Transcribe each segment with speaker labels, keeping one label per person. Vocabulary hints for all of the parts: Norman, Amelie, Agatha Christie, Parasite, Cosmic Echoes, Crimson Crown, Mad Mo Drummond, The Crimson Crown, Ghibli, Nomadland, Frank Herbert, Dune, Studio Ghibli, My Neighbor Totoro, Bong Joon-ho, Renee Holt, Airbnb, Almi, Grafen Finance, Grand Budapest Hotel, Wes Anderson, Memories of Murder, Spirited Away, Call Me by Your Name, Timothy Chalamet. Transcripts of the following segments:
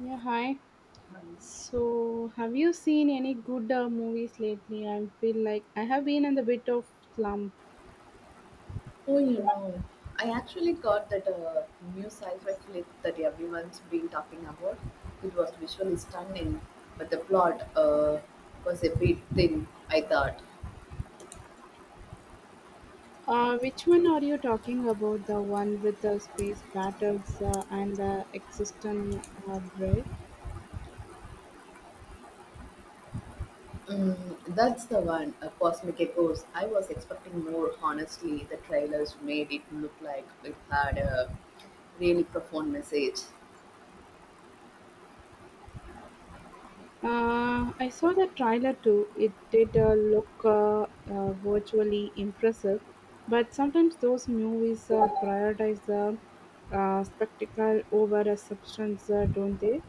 Speaker 1: Yeah, hi. So, have you seen any good movies lately? I feel like I have been in a bit of slump.
Speaker 2: Oh, you know, I actually got that new sci-fi flick that everyone's been talking about. It was visually stunning, but the plot was a bit thin, I thought.
Speaker 1: Which one are you talking about? The one with the space battles and the existent breath?
Speaker 2: Mm, that's the one, Cosmic Echoes. I was expecting more, honestly. The trailers made it look like it had a really profound message.
Speaker 1: I saw the trailer too. It did look virtually impressive, but sometimes those movies prioritize the spectacle over a substance, don't they?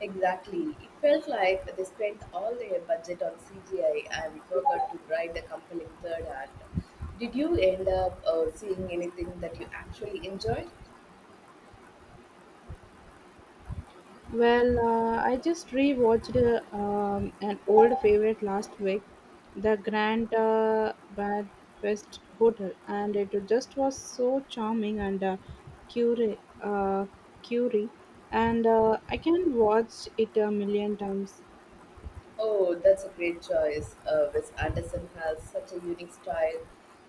Speaker 2: Exactly. It felt like they spent all their budget on CGI and forgot to write a compelling third act. Did you end up seeing anything that you actually enjoyed?
Speaker 1: Well, I just rewatched an old favorite last week, the Grand Budapest Hotel, and it just was so charming and curi uh, curie, and I can watch it a million times.
Speaker 2: Oh, that's a great choice. Wes Anderson has such a unique style.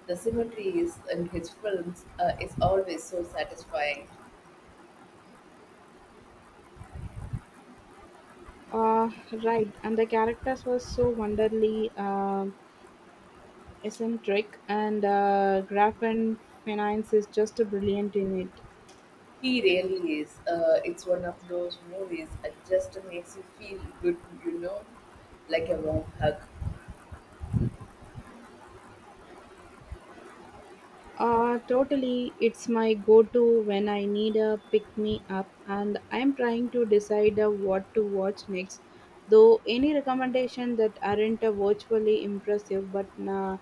Speaker 2: The symmetry is in his films is always so satisfying.
Speaker 1: Uh, right, and the characters were so wonderfully eccentric, and Grafen Finance is just brilliant in it.
Speaker 2: He really is. It's one of those movies that just makes you feel good, you know, like a warm hug.
Speaker 1: Totally. It's my go to when I need a pick me up, and I'm trying to decide what to watch next. Though any recommendation that aren't virtually impressive but na-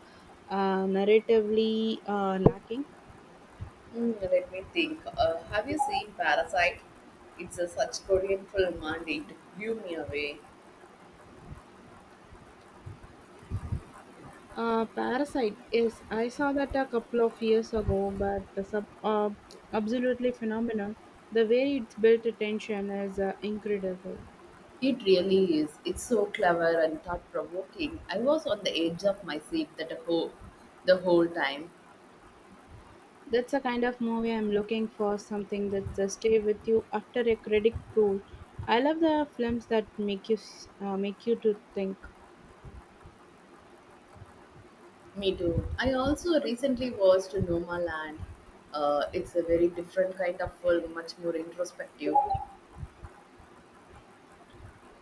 Speaker 1: uh, narratively lacking.
Speaker 2: Hmm, let me think. Have you seen Parasite? It's a such Korean film and it blew me away.
Speaker 1: Parasite, yes, I saw that a couple of years ago, but the absolutely phenomenal. The way it's built attention is incredible.
Speaker 2: It really is. It's so clever and thought provoking. I was on the edge of my seat that whole time.
Speaker 1: That's the kind of movie I'm looking for, something that just stay with you after a credit roll. I love the films that make you to think.
Speaker 2: Me too. I also recently watched Nomaland. It's a very different kind of film, much more introspective.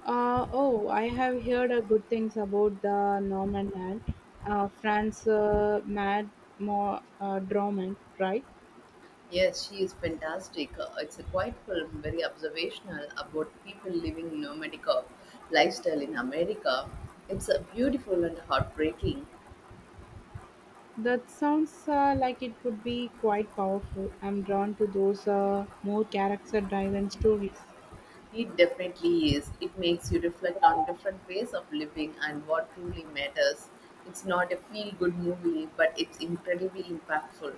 Speaker 1: Oh, I have heard good things about the Norman and France Mad Mo Drummond, right?
Speaker 2: Yes, she is fantastic. It's a quiet film, very observational about people living nomadic lifestyle in America. It's beautiful and heartbreaking.
Speaker 1: That sounds like it could be quite powerful. I'm drawn to those more character-driven stories.
Speaker 2: It definitely is. It makes you reflect on different ways of living and what truly matters. It's not a feel-good movie, but it's incredibly impactful.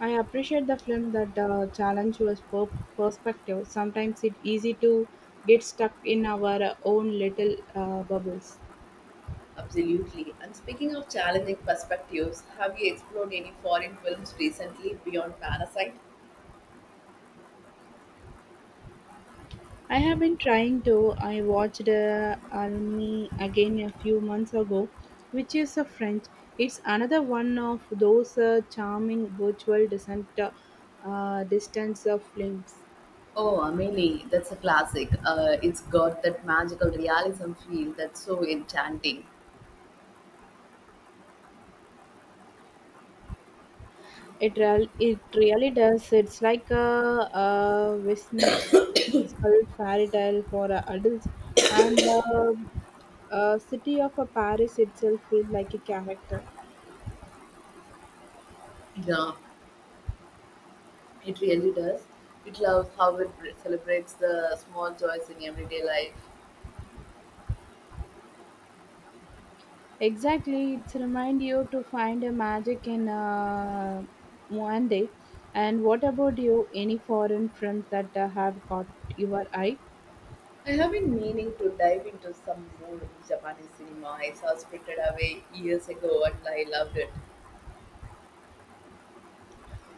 Speaker 1: I appreciate the film that challenge your perspective. Sometimes it's easy to get stuck in our own little bubbles.
Speaker 2: Absolutely. And speaking of challenging perspectives, have you explored any foreign films recently beyond Parasite?
Speaker 1: I have been trying to. I watched Almi again a few months ago, which is a French. It's another one of those charming virtual descent distance of films.
Speaker 2: Oh, Amelie, that's a classic. It's got that magical realism feel that's so enchanting.
Speaker 1: It really does. It's like a whimsical fairy tale for adults, and city of a Paris itself feels like a character.
Speaker 2: Yeah, it really does. It loves how it celebrates the small joys in everyday life.
Speaker 1: Exactly, it's remind you to find a magic in one day. And what about you? Any foreign films that have caught your eye?
Speaker 2: I have been meaning to dive into some more Japanese cinema. I saw Spirited Away years ago and I loved it.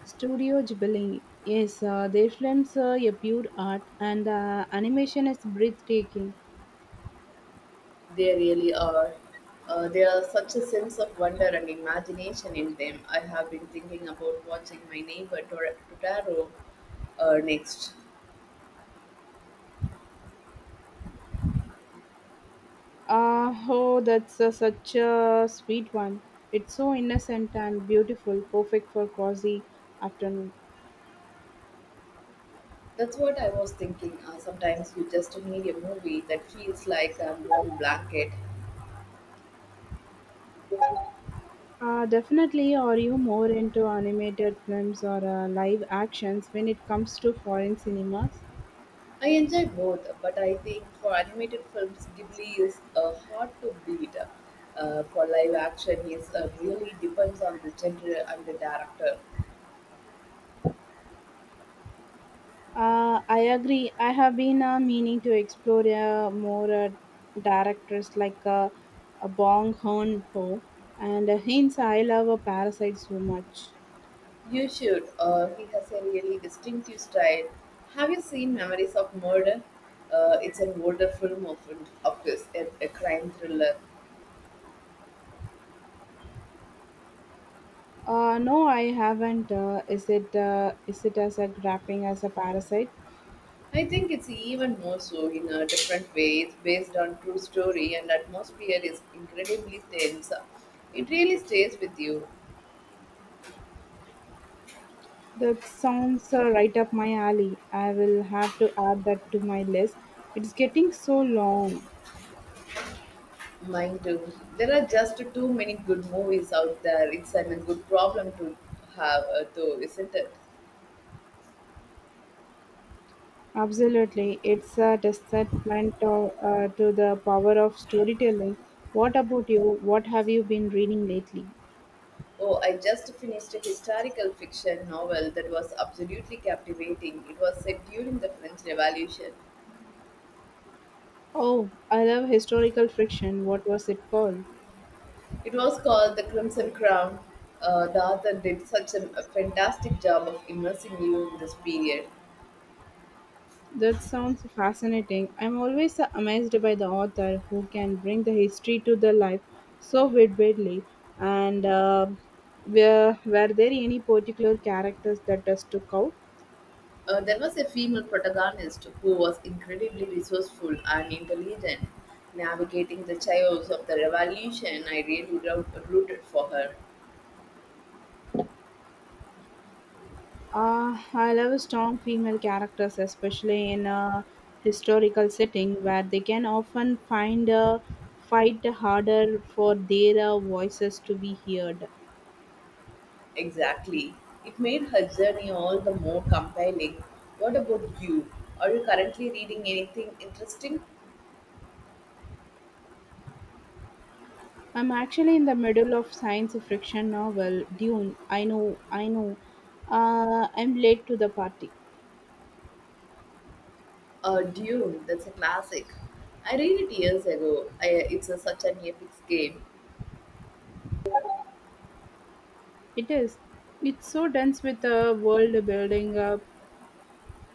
Speaker 1: Studio Ghibli. Yes, their films are a pure art, and the animation is breathtaking.
Speaker 2: They really are. There are such a sense of wonder and imagination in them. I have been thinking about watching my neighbor Totoro next.
Speaker 1: Oh, that's such a sweet one. It's so innocent and beautiful, perfect for cozy afternoon.
Speaker 2: That's what I was thinking. Sometimes you just need a movie that feels like a warm blanket.
Speaker 1: Definitely, are you more into animated films or live actions when it comes to foreign cinemas?
Speaker 2: I enjoy both, but I think for animated films, Ghibli is hard to beat. For live action, it really depends on the genre and the director.
Speaker 1: I agree. I have been meaning to explore more directors like Bong Hoon Ho and hence I love Parasite so much.
Speaker 2: You should. He has a really distinctive style. Have you seen Memories of Murder? It's an older film of his, a crime thriller.
Speaker 1: No, I haven't. Is it as a grappling as a parasite?
Speaker 2: I think it's even more so in a different way. It's based on true story and atmosphere is incredibly tense. It really stays with you.
Speaker 1: That sounds right up my alley. I will have to add that to my list. It's getting so long.
Speaker 2: Mine too. There are just too many good movies out there. It's a good problem to have though, isn't it?
Speaker 1: Absolutely, it's a testament to the power of storytelling. What about you? What have you been reading lately?
Speaker 2: Oh, I just finished a historical fiction novel that was absolutely captivating. It was set during the French Revolution.
Speaker 1: Oh, I love historical fiction. What was it called?
Speaker 2: It was called The Crimson Crown. The author did such a fantastic job of immersing you in this period.
Speaker 1: That sounds fascinating. I'm always amazed by the author who can bring the history to the life so vividly. And were there any particular characters that just took out?
Speaker 2: There was a female protagonist who was incredibly resourceful and intelligent, navigating the chaos of the revolution. I really rooted for her.
Speaker 1: I love strong female characters, especially in a historical setting where they can often find a fight harder for their voices to be heard.
Speaker 2: Exactly. It made her journey all the more compelling. What about you? Are you currently reading anything interesting?
Speaker 1: I'm actually in the middle of science fiction novel Dune. I know, I know. I'm late to the party.
Speaker 2: Dune, that's a classic. I read it years ago. It's such an epic game.
Speaker 1: It is. It's so dense with the world building up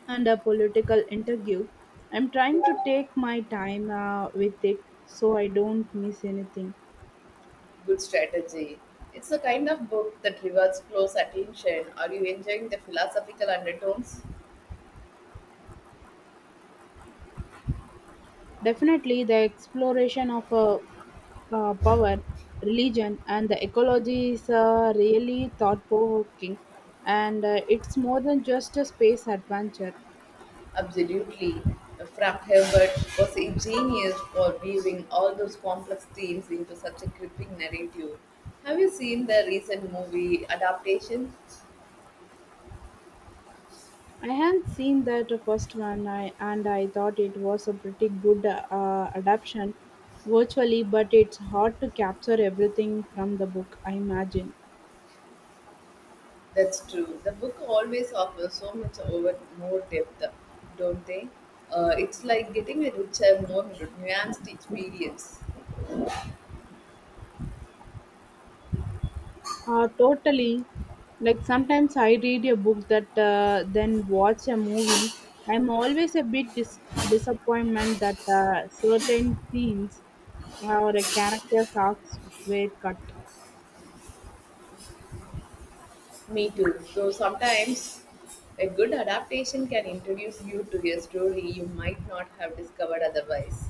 Speaker 1: and a political interview. I'm trying to take my time with it so I don't miss anything.
Speaker 2: Good strategy. It's a kind of book that rewards close attention. Are you enjoying the philosophical undertones?
Speaker 1: Definitely, the exploration of power, religion, and the ecology is really thought provoking. And it's more than just a space adventure.
Speaker 2: Absolutely. Frank Herbert was a genius for weaving all those complex themes into such a gripping narrative. Have you seen the recent movie adaptation?
Speaker 1: I had seen that first one, I, and I thought it was a pretty good adaptation virtually, but it's hard to capture everything from the book, I imagine.
Speaker 2: That's true. The book always offers so much over more depth, don't they? It's like getting a richer, more nuanced experience.
Speaker 1: Totally. Like sometimes I read a book that then watch a movie. I'm always a bit disappointment that certain scenes or characters arcs were cut.
Speaker 2: Me too. So sometimes a good adaptation can introduce you to a story you might not have discovered otherwise.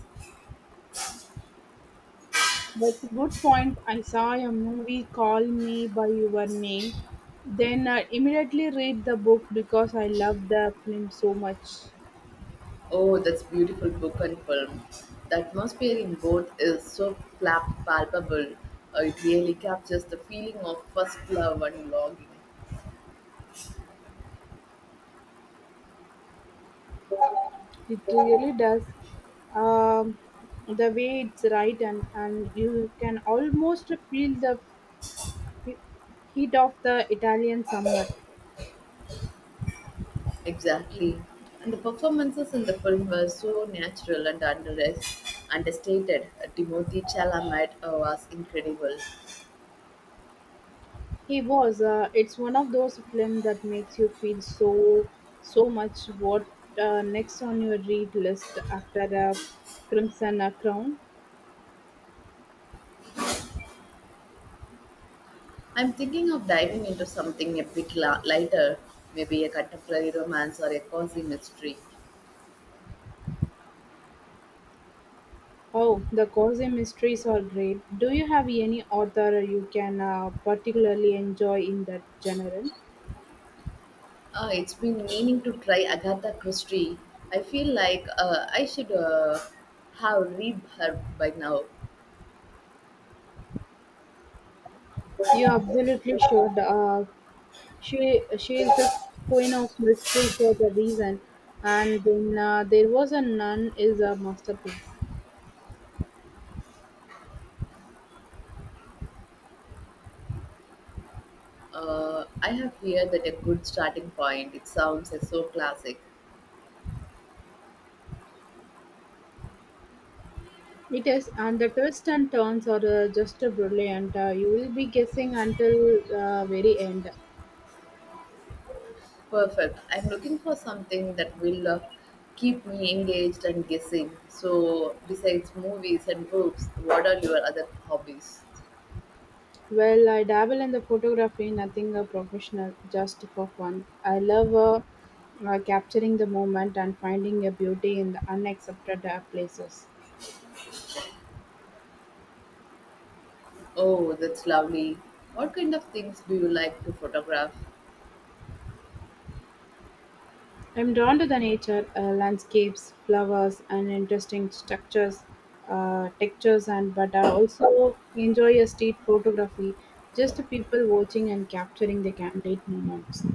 Speaker 1: That's a good point. I saw a movie called Me by Your Name. Then I immediately read the book because I love the film so much.
Speaker 2: Oh, that's beautiful book and film. The atmosphere in both is so palpable. It really captures the feeling of first love and longing.
Speaker 1: It really does. Um, the way it's right and you can almost feel the he- heat of the Italian summer.
Speaker 2: Exactly. And the performances in the film were so natural and understated. Timothy Chalamet was incredible.
Speaker 1: He was. It's one of those films that makes you feel so so much. What next on your read list after the Crimson Crown?
Speaker 2: I'm thinking of diving into something a bit lighter, maybe a contemporary romance or a cozy mystery.
Speaker 1: Oh, the cozy mysteries are great. Do you have any author you can particularly enjoy in that genre?
Speaker 2: It's been meaning to try Agatha Christie. I feel like I should have read her by now.
Speaker 1: You absolutely should. She is the queen of mystery for the reason, and then there was a nun is a masterpiece.
Speaker 2: I have heard that a good starting point. It sounds so classic.
Speaker 1: It is, and the twists and turns are just brilliant. You will be guessing until very end.
Speaker 2: Perfect. I'm looking for something that will keep me engaged and guessing. So, besides movies and books, what are your other hobbies?
Speaker 1: Well, I dabble in the photography, nothing professional, just for fun. I love capturing the moment and finding a beauty in the unaccepted places.
Speaker 2: Oh, that's lovely. What kind of things do you like to photograph?
Speaker 1: I'm drawn to the nature, landscapes, flowers, and interesting structures, textures, and but I also enjoy a street photography, just people watching and capturing the candid moments.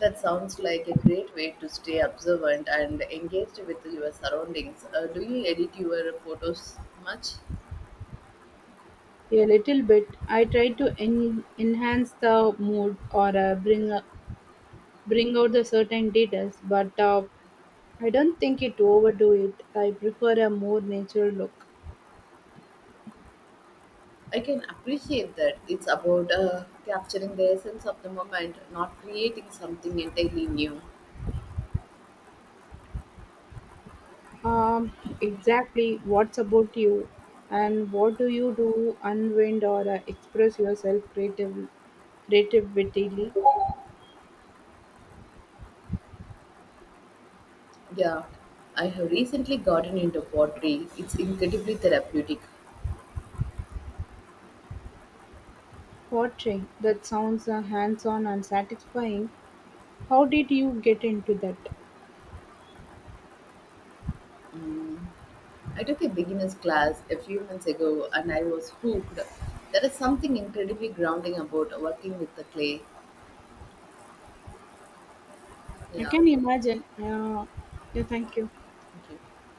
Speaker 2: That sounds like a great way to stay observant and engaged with your surroundings. Do you edit your photos much?
Speaker 1: A little bit, I try to enhance the mood or bring out the certain details, but I don't think it overdo it. I prefer a more natural look.
Speaker 2: I can appreciate that. It's about capturing the essence of the moment, not creating something entirely new.
Speaker 1: Um, exactly. What's about you, and what do you do to unwind or express yourself creatively? Creatively,
Speaker 2: Yeah, I have recently gotten into pottery. It's incredibly therapeutic.
Speaker 1: portrait. That sounds hands-on and satisfying. How did you get into that?
Speaker 2: Mm, I took a beginner's class a few months ago and I was hooked. There is something incredibly grounding about working with the clay.
Speaker 1: I
Speaker 2: Yeah,
Speaker 1: can imagine. Yeah. Thank you.
Speaker 2: thank you.